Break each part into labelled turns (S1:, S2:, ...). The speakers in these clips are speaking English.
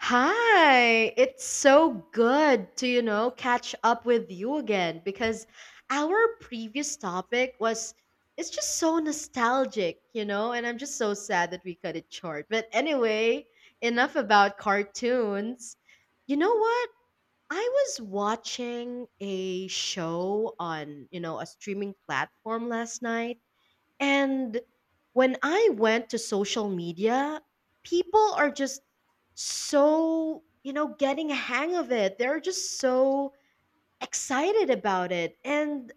S1: Hi, it's so good to catch up with you again, because our previous topic was it's just so nostalgic, and I'm just so sad that we cut it short. But anyway, enough about cartoons. You know what? I was watching a show on a streaming platform last night, and when I went to social media, people are just so getting a hang of it. They're just so excited about it. And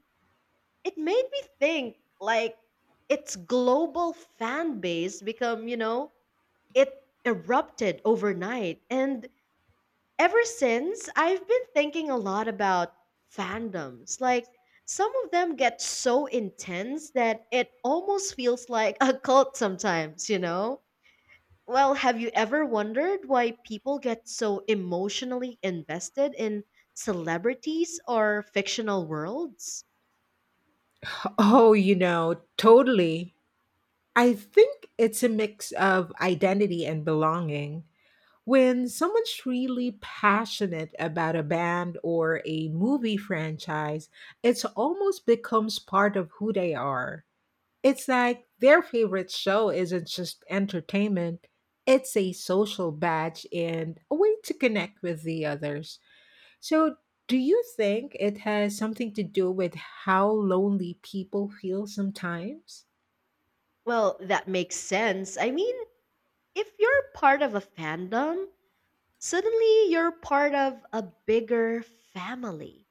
S1: it made me think, like, its global fan base become it erupted overnight. And ever since, I've been thinking a lot about fandoms. Like, some of them get so intense that it almost feels like a cult sometimes, you know? Well, have you ever wondered why people get so emotionally invested in celebrities or fictional worlds?
S2: Oh, you know, totally. I think it's a mix of identity and belonging. When someone's really passionate about a band or a movie franchise, it's almost becomes part of who they are. It's like their favorite show isn't just entertainment, it's a social badge and a way to connect with the others. So, do you think it has something to do with how lonely people feel sometimes?
S1: Well, that makes sense. I mean, if you're part of a fandom, suddenly you're part of a bigger family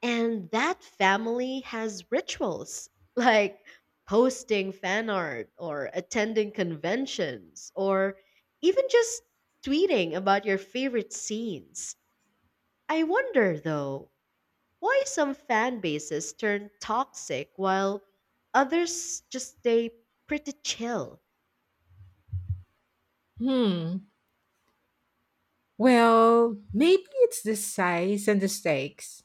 S1: And that family has rituals like posting fan art or attending conventions or even just tweeting about your favorite scenes. I wonder though, why some fan bases turn toxic while others just stay pretty chill?
S2: Hmm. Well, maybe it's the size and the stakes.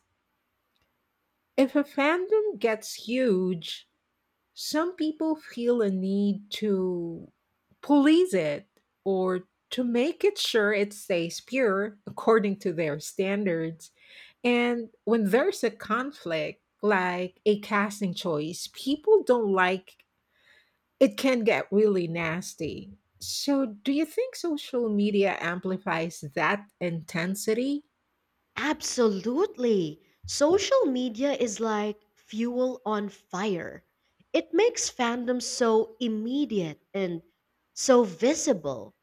S2: If a fandom gets huge, some people feel a need to police it or to make it sure it stays pure according to their standards. And when there's a conflict, like a casting choice, people don't like it can get really nasty. So, do you think social media amplifies that intensity?
S1: Absolutely. Social media is like fuel on fire. It makes fandom so immediate and so visible.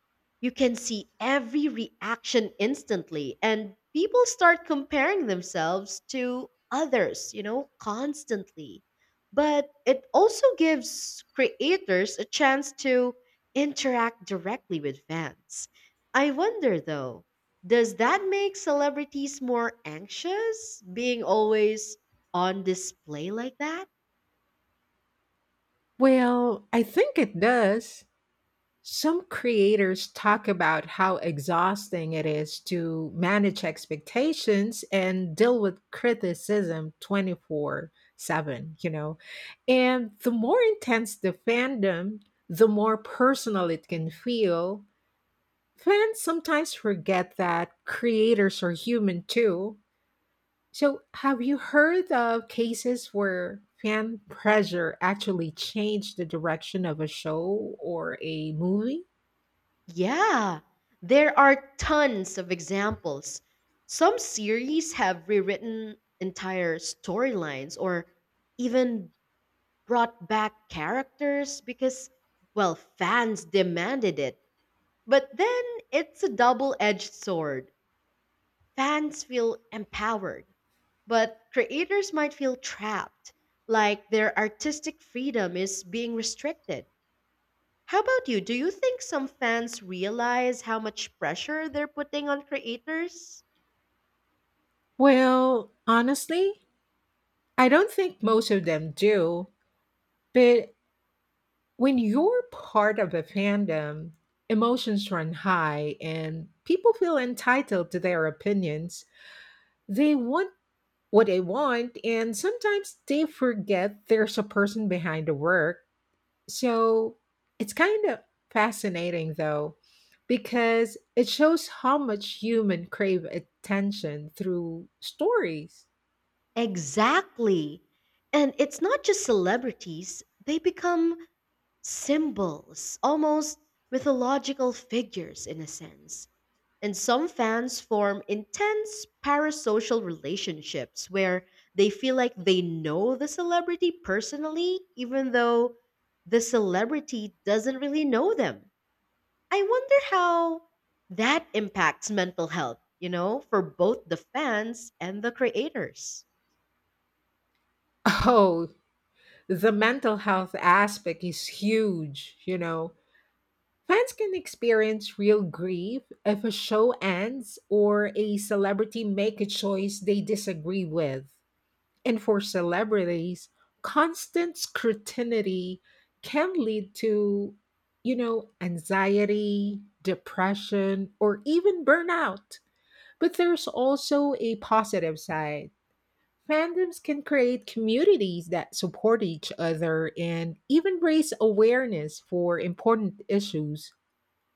S1: You can see every reaction instantly, and people start comparing themselves to others constantly. But it also gives creators a chance to interact directly with fans. I wonder though, does that make celebrities more anxious, being always on display like that?
S2: Well, I think it does. Some creators talk about how exhausting it is to manage expectations and deal with criticism 24/7, you know. And the more intense the fandom, the more personal it can feel. Fans sometimes forget that creators are human too. So, have you heard of cases where fan pressure actually changed the direction of a show or a movie?
S1: Yeah, there are tons of examples. Some series have rewritten entire storylines or even brought back characters because, well, fans demanded it. But then it's a double edged sword. Fans feel empowered, but creators might feel trapped, like their artistic freedom is being restricted. How about you? Do you think some fans realize how much pressure they're putting on creators?
S2: Well, honestly, I don't think most of them do. But when you're part of a fandom, emotions run high and people feel entitled to their opinions. They want what they want, and sometimes they forget there's a person behind the work. So it's kind of fascinating, though, because it shows how much human crave attention through stories.
S1: Exactly. And it's not just celebrities, they become symbols, almost mythological figures in a sense. And some fans form intense parasocial relationships where they feel like they know the celebrity personally, even though the celebrity doesn't really know them. I wonder how that impacts mental health for both the fans and the creators.
S2: Oh, the mental health aspect is huge, Fans can experience real grief if a show ends or a celebrity make a choice they disagree with. And for celebrities, constant scrutiny can lead to, anxiety, depression, or even burnout. But there's also a positive side. Fandoms can create communities that support each other and even raise awareness for important issues.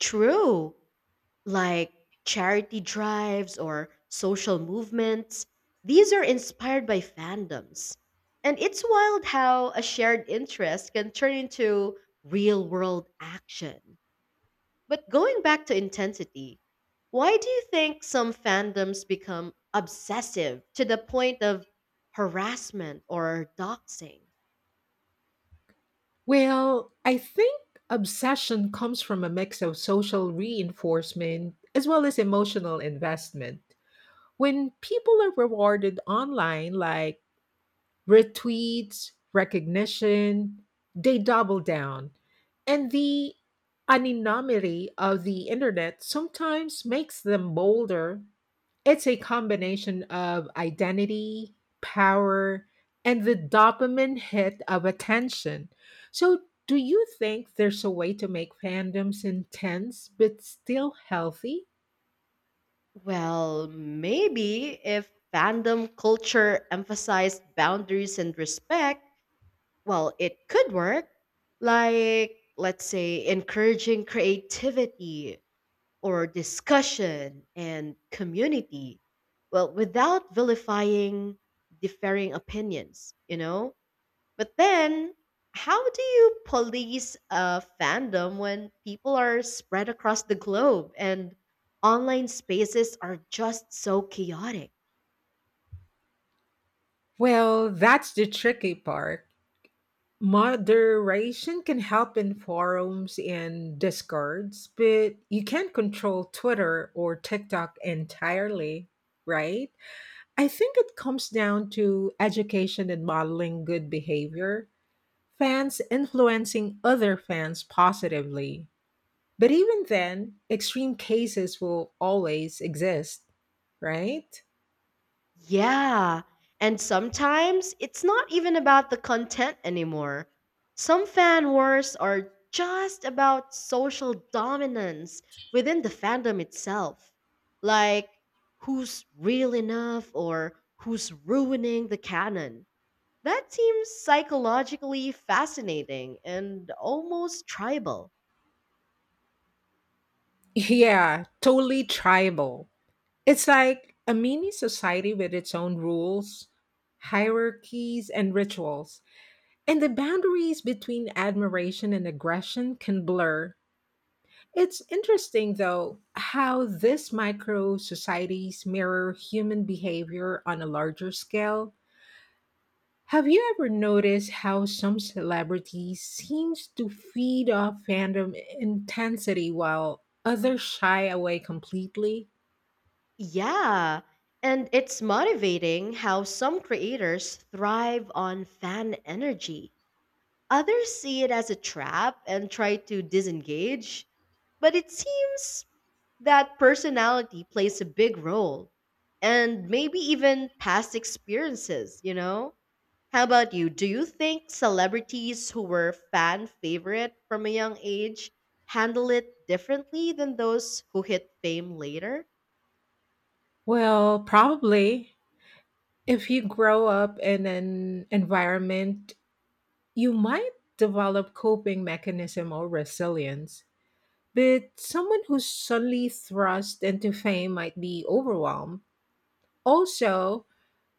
S1: True. Like charity drives or social movements. These are inspired by fandoms. And it's wild how a shared interest can turn into real world action. But going back to intensity, why do you think some fandoms become obsessive to the point of harassment or doxing?
S2: Well, I think obsession comes from a mix of social reinforcement as well as emotional investment. When people are rewarded online, like retweets, recognition, they double down. And the anonymity of the internet sometimes makes them bolder. It's a combination of identity, power, and the dopamine hit of attention. So, do you think there's a way to make fandoms intense but still healthy?
S1: Well, maybe if fandom culture emphasized boundaries and respect, well, it could work. Like, let's say, encouraging creativity or discussion and community. Well, without vilifying differing opinions, you know? But then, how do you police a fandom when people are spread across the globe and online spaces are just so chaotic?
S2: Well, that's the tricky part. Moderation can help in forums and discords, but you can't control Twitter or TikTok entirely, right? I think it comes down to education and modeling good behavior fans influencing other fans positively. But even then, extreme cases will always exist, right?
S1: Yeah. And sometimes it's not even about the content anymore. Some fan wars are just about social dominance within the fandom itself. Like, who's real enough, or who's ruining the canon? That seems psychologically fascinating and almost tribal.
S2: Yeah, totally tribal. It's like a mini society with its own rules, hierarchies, and rituals. And the boundaries between admiration and aggression can blur. It's interesting, though, how these micro societies mirror human behavior on a larger scale. Have you ever noticed how some celebrities seems to feed off fandom intensity while others shy away completely?
S1: Yeah. And it's motivating how some creators thrive on fan energy. Others see it as a trap and try to disengage, but it seems that personality plays a big role, and maybe even past experiences, you know? How about you? Do you think celebrities who were fan favorite from a young age handle it differently than those who hit fame later?
S2: Well, probably. If you grow up in an environment, you might develop coping mechanism or resilience. But someone who's suddenly thrust into fame might be overwhelmed. Also,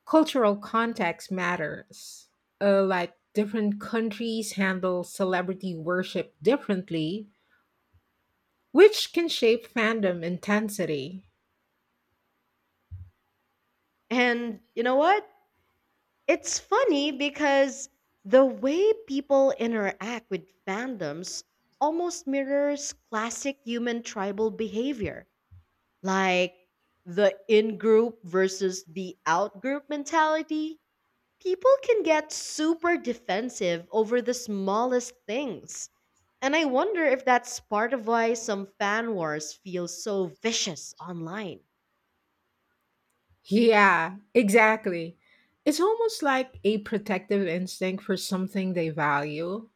S2: cultural context matters. Like different countries handle celebrity worship differently, which can shape fandom intensity.
S1: And you know what? It's funny because the way people interact with fandoms almost mirrors classic human tribal behavior, like the in group versus the out group mentality. People can get super defensive over the smallest things. And I wonder if that's part of why some fan wars feel so vicious online.
S2: Yeah, exactly. It's almost like a protective instinct for something they value.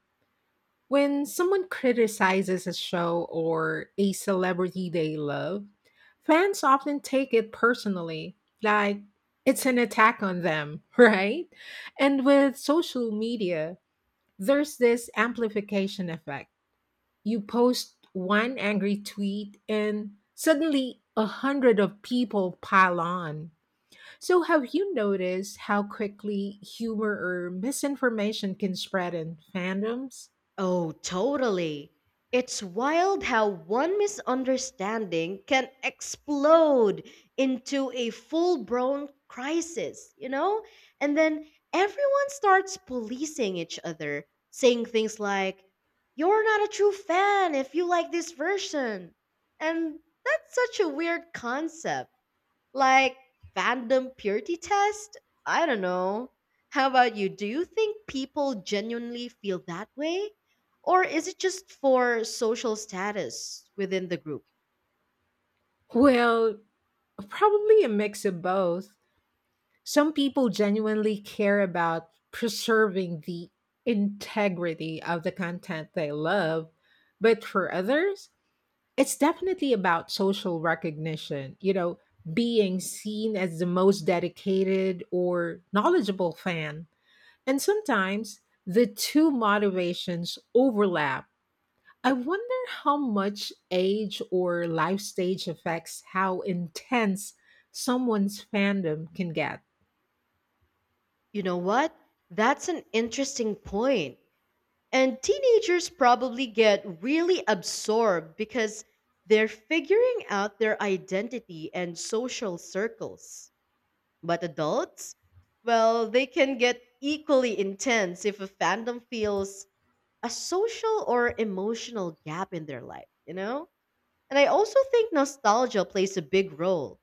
S2: When someone criticizes a show or a celebrity they love, fans often take it personally, like it's an attack on them, right? And with social media, there's this amplification effect. You post one angry tweet, and suddenly a hundred of people pile on. So, have you noticed how quickly humor or misinformation can spread in fandoms?
S1: Oh, totally. It's wild how one misunderstanding can explode into a full blown crisis, you know? And then everyone starts policing each other, saying things like, "You're not a true fan if you like this version." And that's such a weird concept, like, fandom purity test? I don't know. How about you? Do you think people genuinely feel that way? Or is it just for social status within the group?
S2: Well, probably a mix of both. Some people genuinely care about preserving the integrity of the content they love, but for others, it's definitely about social recognition, being seen as the most dedicated or knowledgeable fan. And sometimes the two motivations overlap. I wonder how much age or life stage affects how intense someone's fandom can get.
S1: You know what? That's an interesting point. And teenagers probably get really absorbed because they're figuring out their identity and social circles. But adults? Well, they can get equally intense if a fandom feels a social or emotional gap in their life, you know? And I also think nostalgia plays a big role.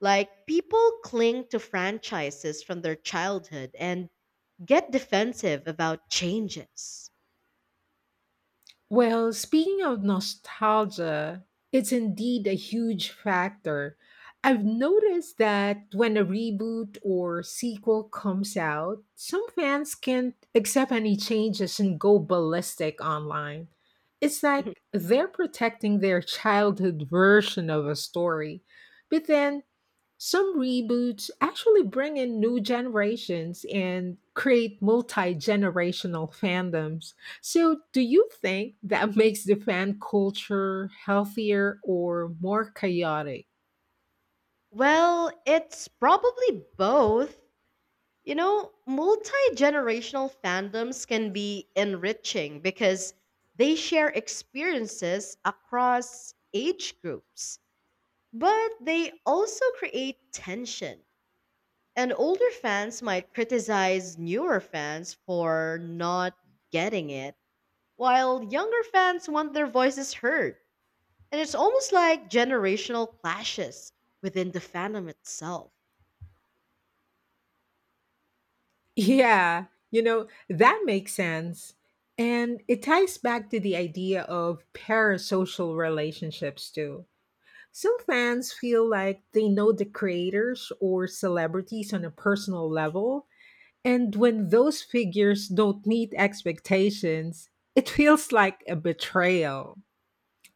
S1: Like, people cling to franchises from their childhood and get defensive about changes.
S2: Well, speaking of nostalgia, it's indeed a huge factor. I've noticed that when a reboot or sequel comes out, some fans can't accept any changes and go ballistic online. It's like they're protecting their childhood version of a story. But then some reboots actually bring in new generations and create multi generational fandoms. So, do you think that makes the fan culture healthier or more chaotic?
S1: Well, it's probably both. You know, multi generational fandoms can be enriching because they share experiences across age groups, but they also create tension. And older fans might criticize newer fans for not getting it, while younger fans want their voices heard. And it's almost like generational clashes within the fandom itself.
S2: Yeah, that makes sense. And it ties back to the idea of parasocial relationships, too. Some fans feel like they know the creators or celebrities on a personal level. And when those figures don't meet expectations, it feels like a betrayal.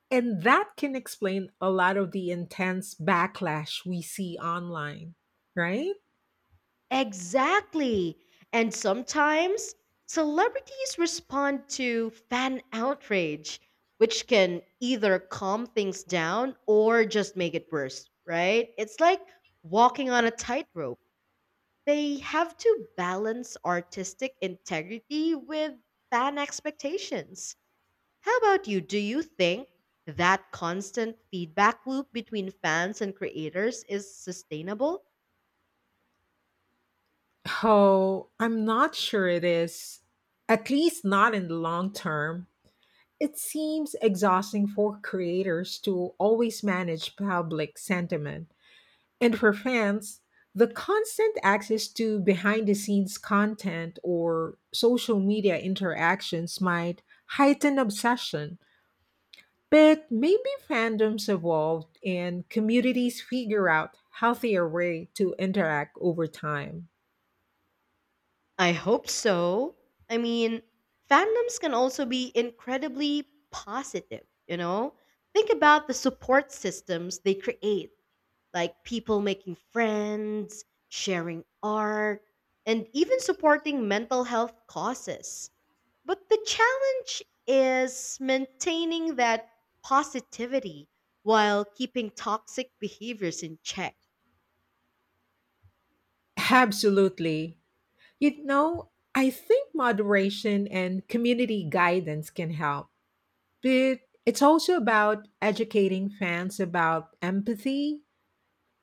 S2: And that can explain a lot of the intense backlash we see online, right?
S1: Exactly. And sometimes celebrities respond to fan outrage, which can either calm things down or just make it worse, right? It's like walking on a tightrope. They have to balance artistic integrity with fan expectations. How about you? Do you think that constant feedback loop between fans and creators is sustainable?
S2: Oh, I'm not sure it is. At least not in the long term. It seems exhausting for creators to always manage public sentiment. And for fans, the constant access to behind the scenes content or social media interactions might heighten obsession. But maybe fandoms evolve and communities figure out healthier way to interact over time.
S1: I hope so. I mean, fandoms can also be incredibly positive, you know? Think about the support systems they create, like people making friends, sharing art, and even supporting mental health causes. But the challenge is maintaining that positivity while keeping toxic behaviors in check.
S2: Absolutely. I think moderation and community guidance can help, but it's also about educating fans about empathy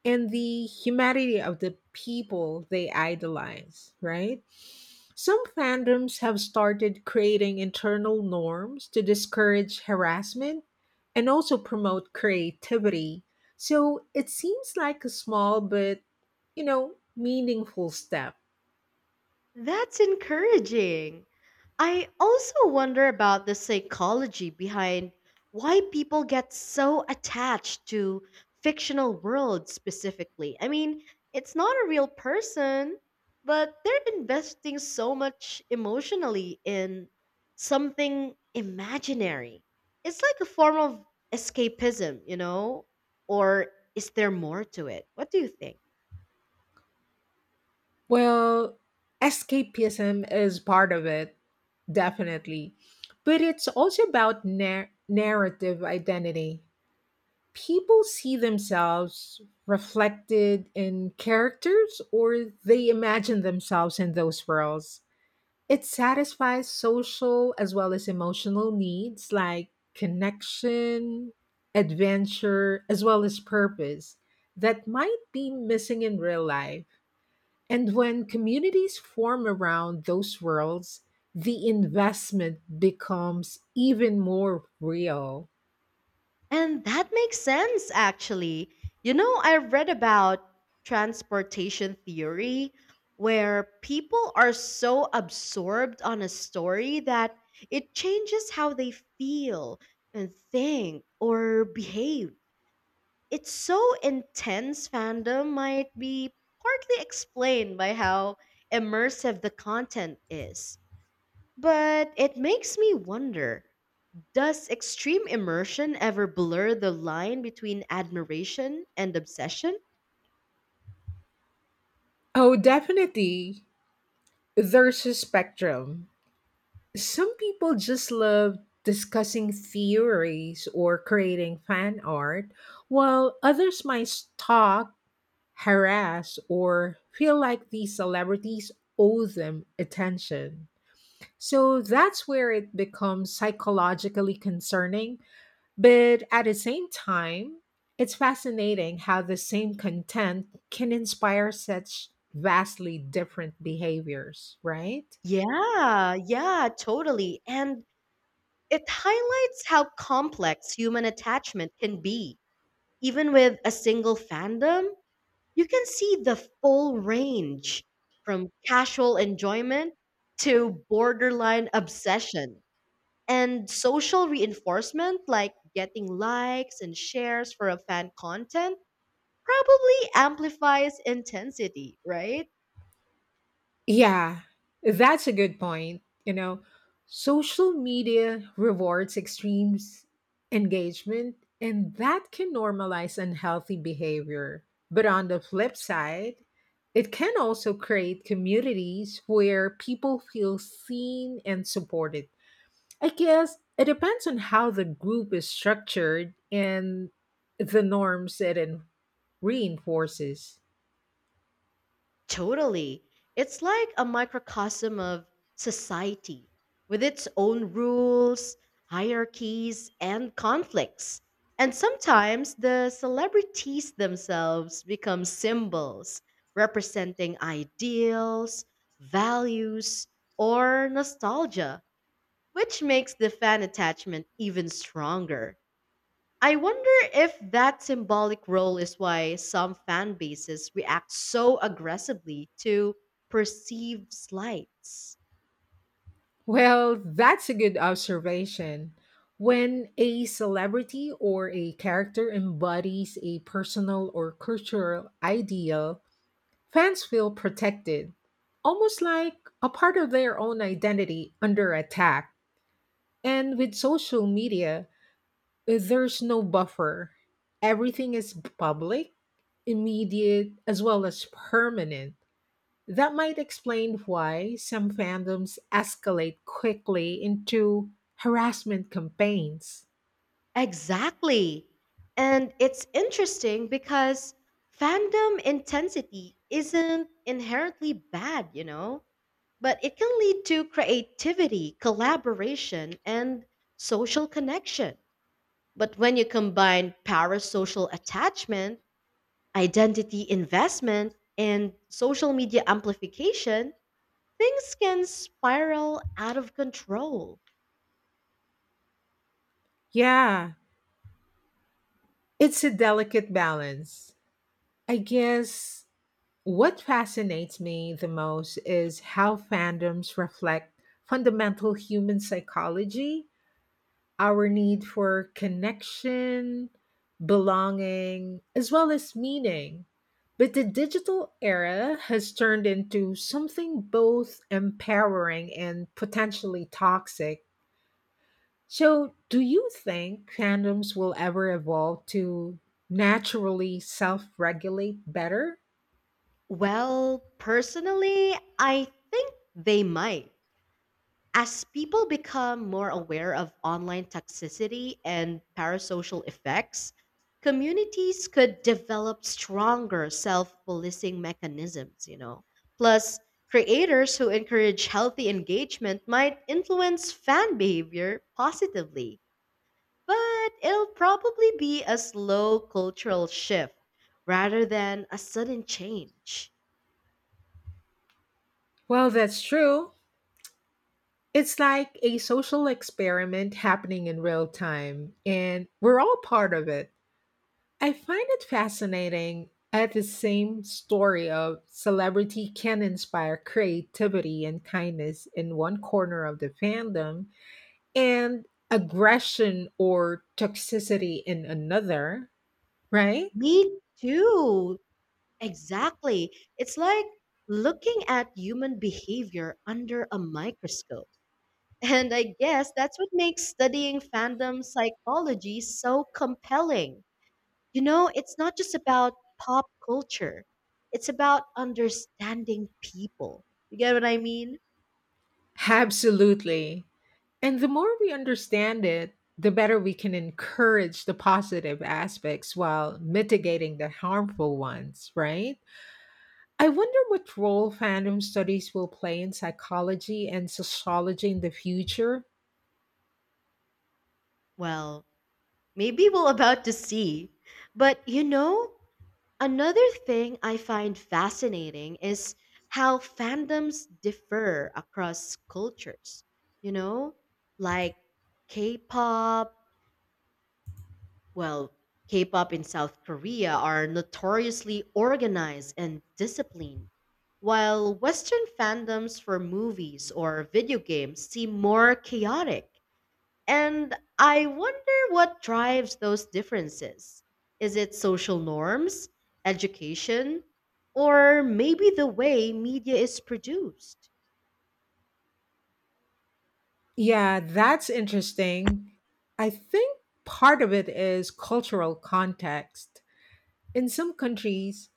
S2: and the humanity of the people they idolize, right? Some fandoms have started creating internal norms to discourage harassment and also promote creativity. So it seems like a small but, meaningful step.
S1: That's encouraging. I also wonder about the psychology behind why people get so attached to fictional worlds specifically. I mean, it's not a real person, but they're investing so much emotionally in something imaginary. It's like a form of escapism, you know? Or is there more to it? What do you think?
S2: Well, escapism is part of it, definitely. But it's also about narrative identity. People see themselves reflected in characters or they imagine themselves in those worlds. It satisfies social as well as emotional needs like connection, adventure, as well as purpose that might be missing in real life and when communities form around those worlds, the investment becomes even more real.
S1: And that makes sense, actually. You know, I've read about transportation theory, where people are so absorbed on a story that it changes how they feel and think or behave. It's so intense, fandom might be partly explained by how immersive the content is. But it makes me wonder. Does extreme immersion ever blur the line between admiration and obsession?
S2: Oh, definitely. There's a spectrum. Some people just love discussing theories or creating fan art, while others might stalk, harass, or feel like these celebrities owe them attention. So that's where it becomes psychologically concerning. But at the same time, it's fascinating how the same content can inspire such vastly different behaviors, right?
S1: Yeah, yeah, totally. And it highlights how complex human attachment can be. Even with a single fandom, you can see the full range, from casual enjoyment to borderline obsession. And social reinforcement, like getting likes and shares for a fan content, probably amplifies intensity, right?
S2: Yeah, that's a good point. Social media rewards extremes engagement, and that can normalize unhealthy behavior. But on the flip side, it can also create communities where people feel seen and supported. I guess it depends on how the group is structured and the norms it reinforces.
S1: Totally. It's like a microcosm of society, with its own rules, hierarchies, and conflicts. And sometimes the celebrities themselves become symbols representing ideals, values, or nostalgia, which makes the fan attachment even stronger. I wonder if that symbolic role is why some fan bases react so aggressively to perceived slights.
S2: Well, that's a good observation. When a celebrity or a character embodies a personal or cultural ideal, fans feel protected, almost like a part of their own identity under attack. And with social media, there's no buffer. Everything is public, immediate, as well as permanent. That might explain why some fandoms escalate quickly into harassment campaigns.
S1: Exactly. And it's interesting because fandom intensity isn't inherently bad but it can lead to creativity, collaboration, and social connection. But when you combine parasocial attachment, identity investment, and social media amplification, things can spiral out of control.
S2: Yeah, it's a delicate balance. I guess what fascinates me the most is how fandoms reflect fundamental human psychology, our need for connection, belonging, as well as meaning. But the digital era has turned into something both empowering and potentially toxic. So, do you think fandoms will ever evolve to naturally self regulate better?
S1: Well, personally, I think they might. As people become more aware of online toxicity and parasocial effects, communities could develop stronger self policing mechanisms. Plus, creators who encourage healthy engagement might influence fan behavior positively, but it'll probably be a slow cultural shift rather than a sudden change.
S2: Well, that's true. It's like a social experiment happening in real time, and we're all part of it. I find it fascinating at the same story of celebrity can inspire creativity and kindness in one corner of the fandom and aggression or toxicity in another, right?
S1: Me too. Exactly. It's like looking at human behavior under a microscope. And I guess that's what makes studying fandom psychology so compelling. You know, it's not just about pop culture, it's about understanding people. You get what I mean?
S2: Absolutely. And the more we understand it, the better we can encourage the positive aspects while mitigating the harmful ones, right? I wonder what role fandom studies will play in psychology and sociology in the future.
S1: Well, maybe we're about to see. But another thing I find fascinating is how fandoms differ across cultures. You know, like K pop, well, K pop in South Korea are notoriously organized and disciplined, while Western fandoms for movies or video games seem more chaotic, and I wonder what drives those differences. Is it social norms, education, or maybe the way media is produced?
S2: Yeah, that's interesting. I think part of it is cultural context. In some countries,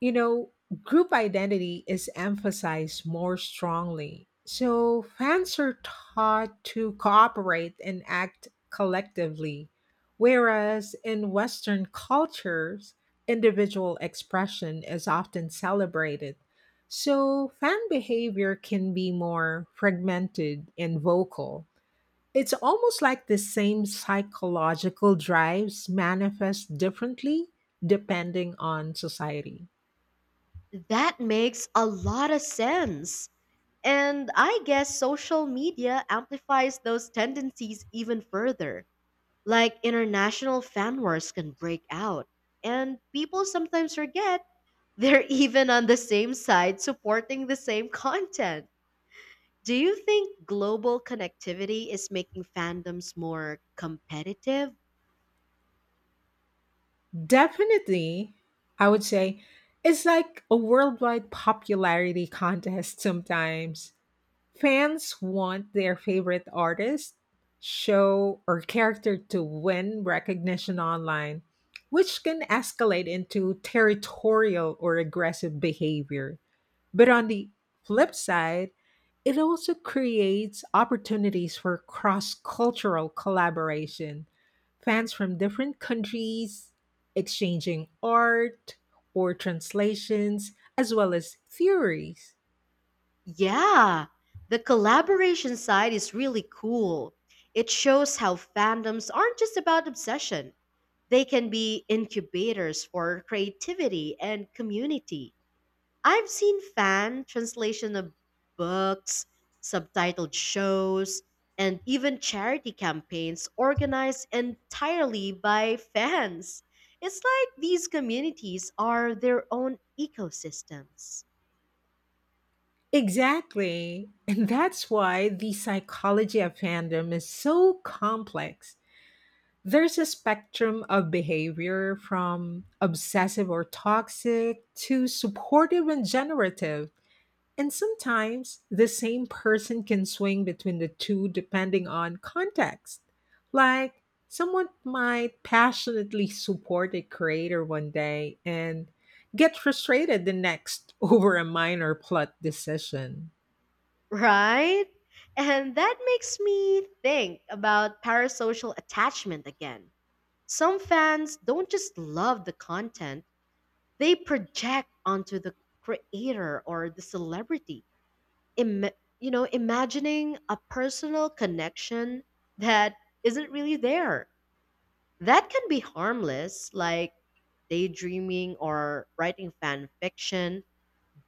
S2: you know, group identity is emphasized more strongly. So fans are taught to cooperate and act collectively, whereas in Western cultures, individual expression is often celebrated. So fan behavior can be more fragmented and vocal. It's almost like the same psychological drives manifest differently depending on society.
S1: That makes a lot of sense. And I guess social media amplifies those tendencies even further. Like, international fan wars can break out. And people sometimes forget they're even on the same side, supporting the same content. Do you think global connectivity is making fandoms more competitive?
S2: Definitely, I would say it's like a worldwide popularity contest sometimes. Fans want their favorite artist, show, or character to win recognition online, which can escalate into territorial or aggressive behavior. But on the flip side, it also creates opportunities for cross cultural collaboration. Fans from different countries exchanging art or translations, as well as theories.
S1: Yeah, the collaboration side is really cool. It shows how fandoms aren't just about obsession, they can be incubators for creativity and community. I've seen fan translation of books, subtitled shows, and even charity campaigns organized entirely by fans. It's like these communities are their own ecosystems,
S2: Exactly. And that's why the psychology of fandom is so complex. There's a spectrum of behavior from obsessive or toxic to supportive and generative. And sometimes the same person can swing between the two depending on context. Like, someone might passionately support a creator one day and get frustrated the next over a minor plot decision.
S1: right? And that makes me think about parasocial attachment again. Some fans don't just love the content, they project onto the creator or the celebrity Im- imagining a personal connection that isn't really there. That can be harmless, like daydreaming or writing fan fiction,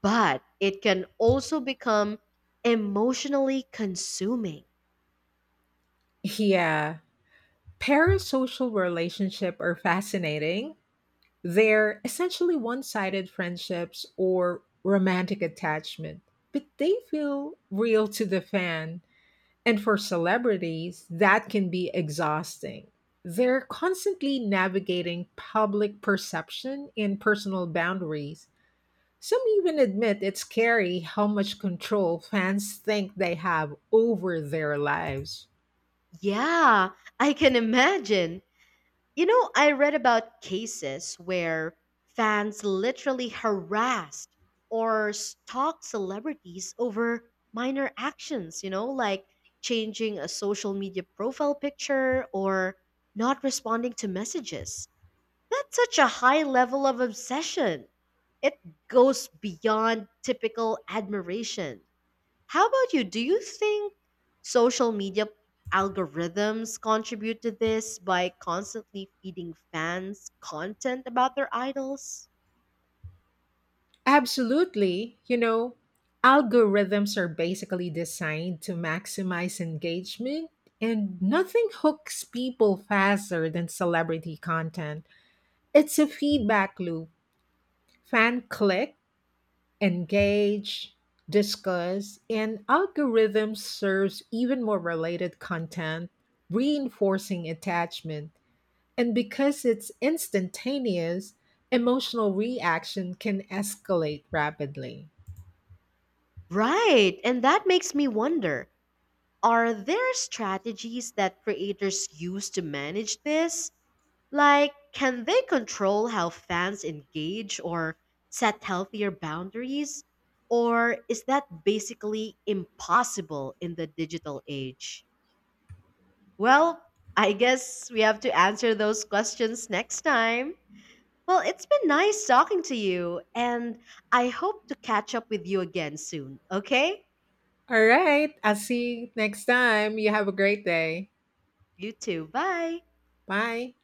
S1: but it can also become emotionally consuming.
S2: Yeah, parasocial relationships are fascinating. They're essentially one sided friendships or romantic attachment, but they feel real to the fan. And for celebrities, that can be exhausting. They're constantly navigating public perception and personal boundaries. Some even admit it's scary how much control fans think they have over their lives.
S1: Yeah, I can imagine. I read about cases where fans literally harassed or stalked celebrities over minor actions, like changing a social media profile picture or not responding to messages. That's such a high level of obsession. It goes beyond typical admiration. How about you? Do you think social media algorithms contribute to this by constantly feeding fans content about their idols?
S2: Absolutely. Algorithms are basically designed to maximize engagement, and nothing hooks people faster than celebrity content. It's a feedback loop. Fan click engage, discuss, and algorithm serves even more related content, reinforcing attachment. And because it's instantaneous, emotional reaction can escalate rapidly.
S1: Right, and that makes me wonder, are there strategies that creators use to manage this? Like, can they control how fans engage or set healthier boundaries? Or is that basically impossible in the digital age? Well, I guess we have to answer those questions next time. Well, it's been nice talking to you, and I hope to catch up with you again soon, okay?
S2: All right, I'll see you next time. You have a great day.
S1: You too. Bye.
S2: Bye.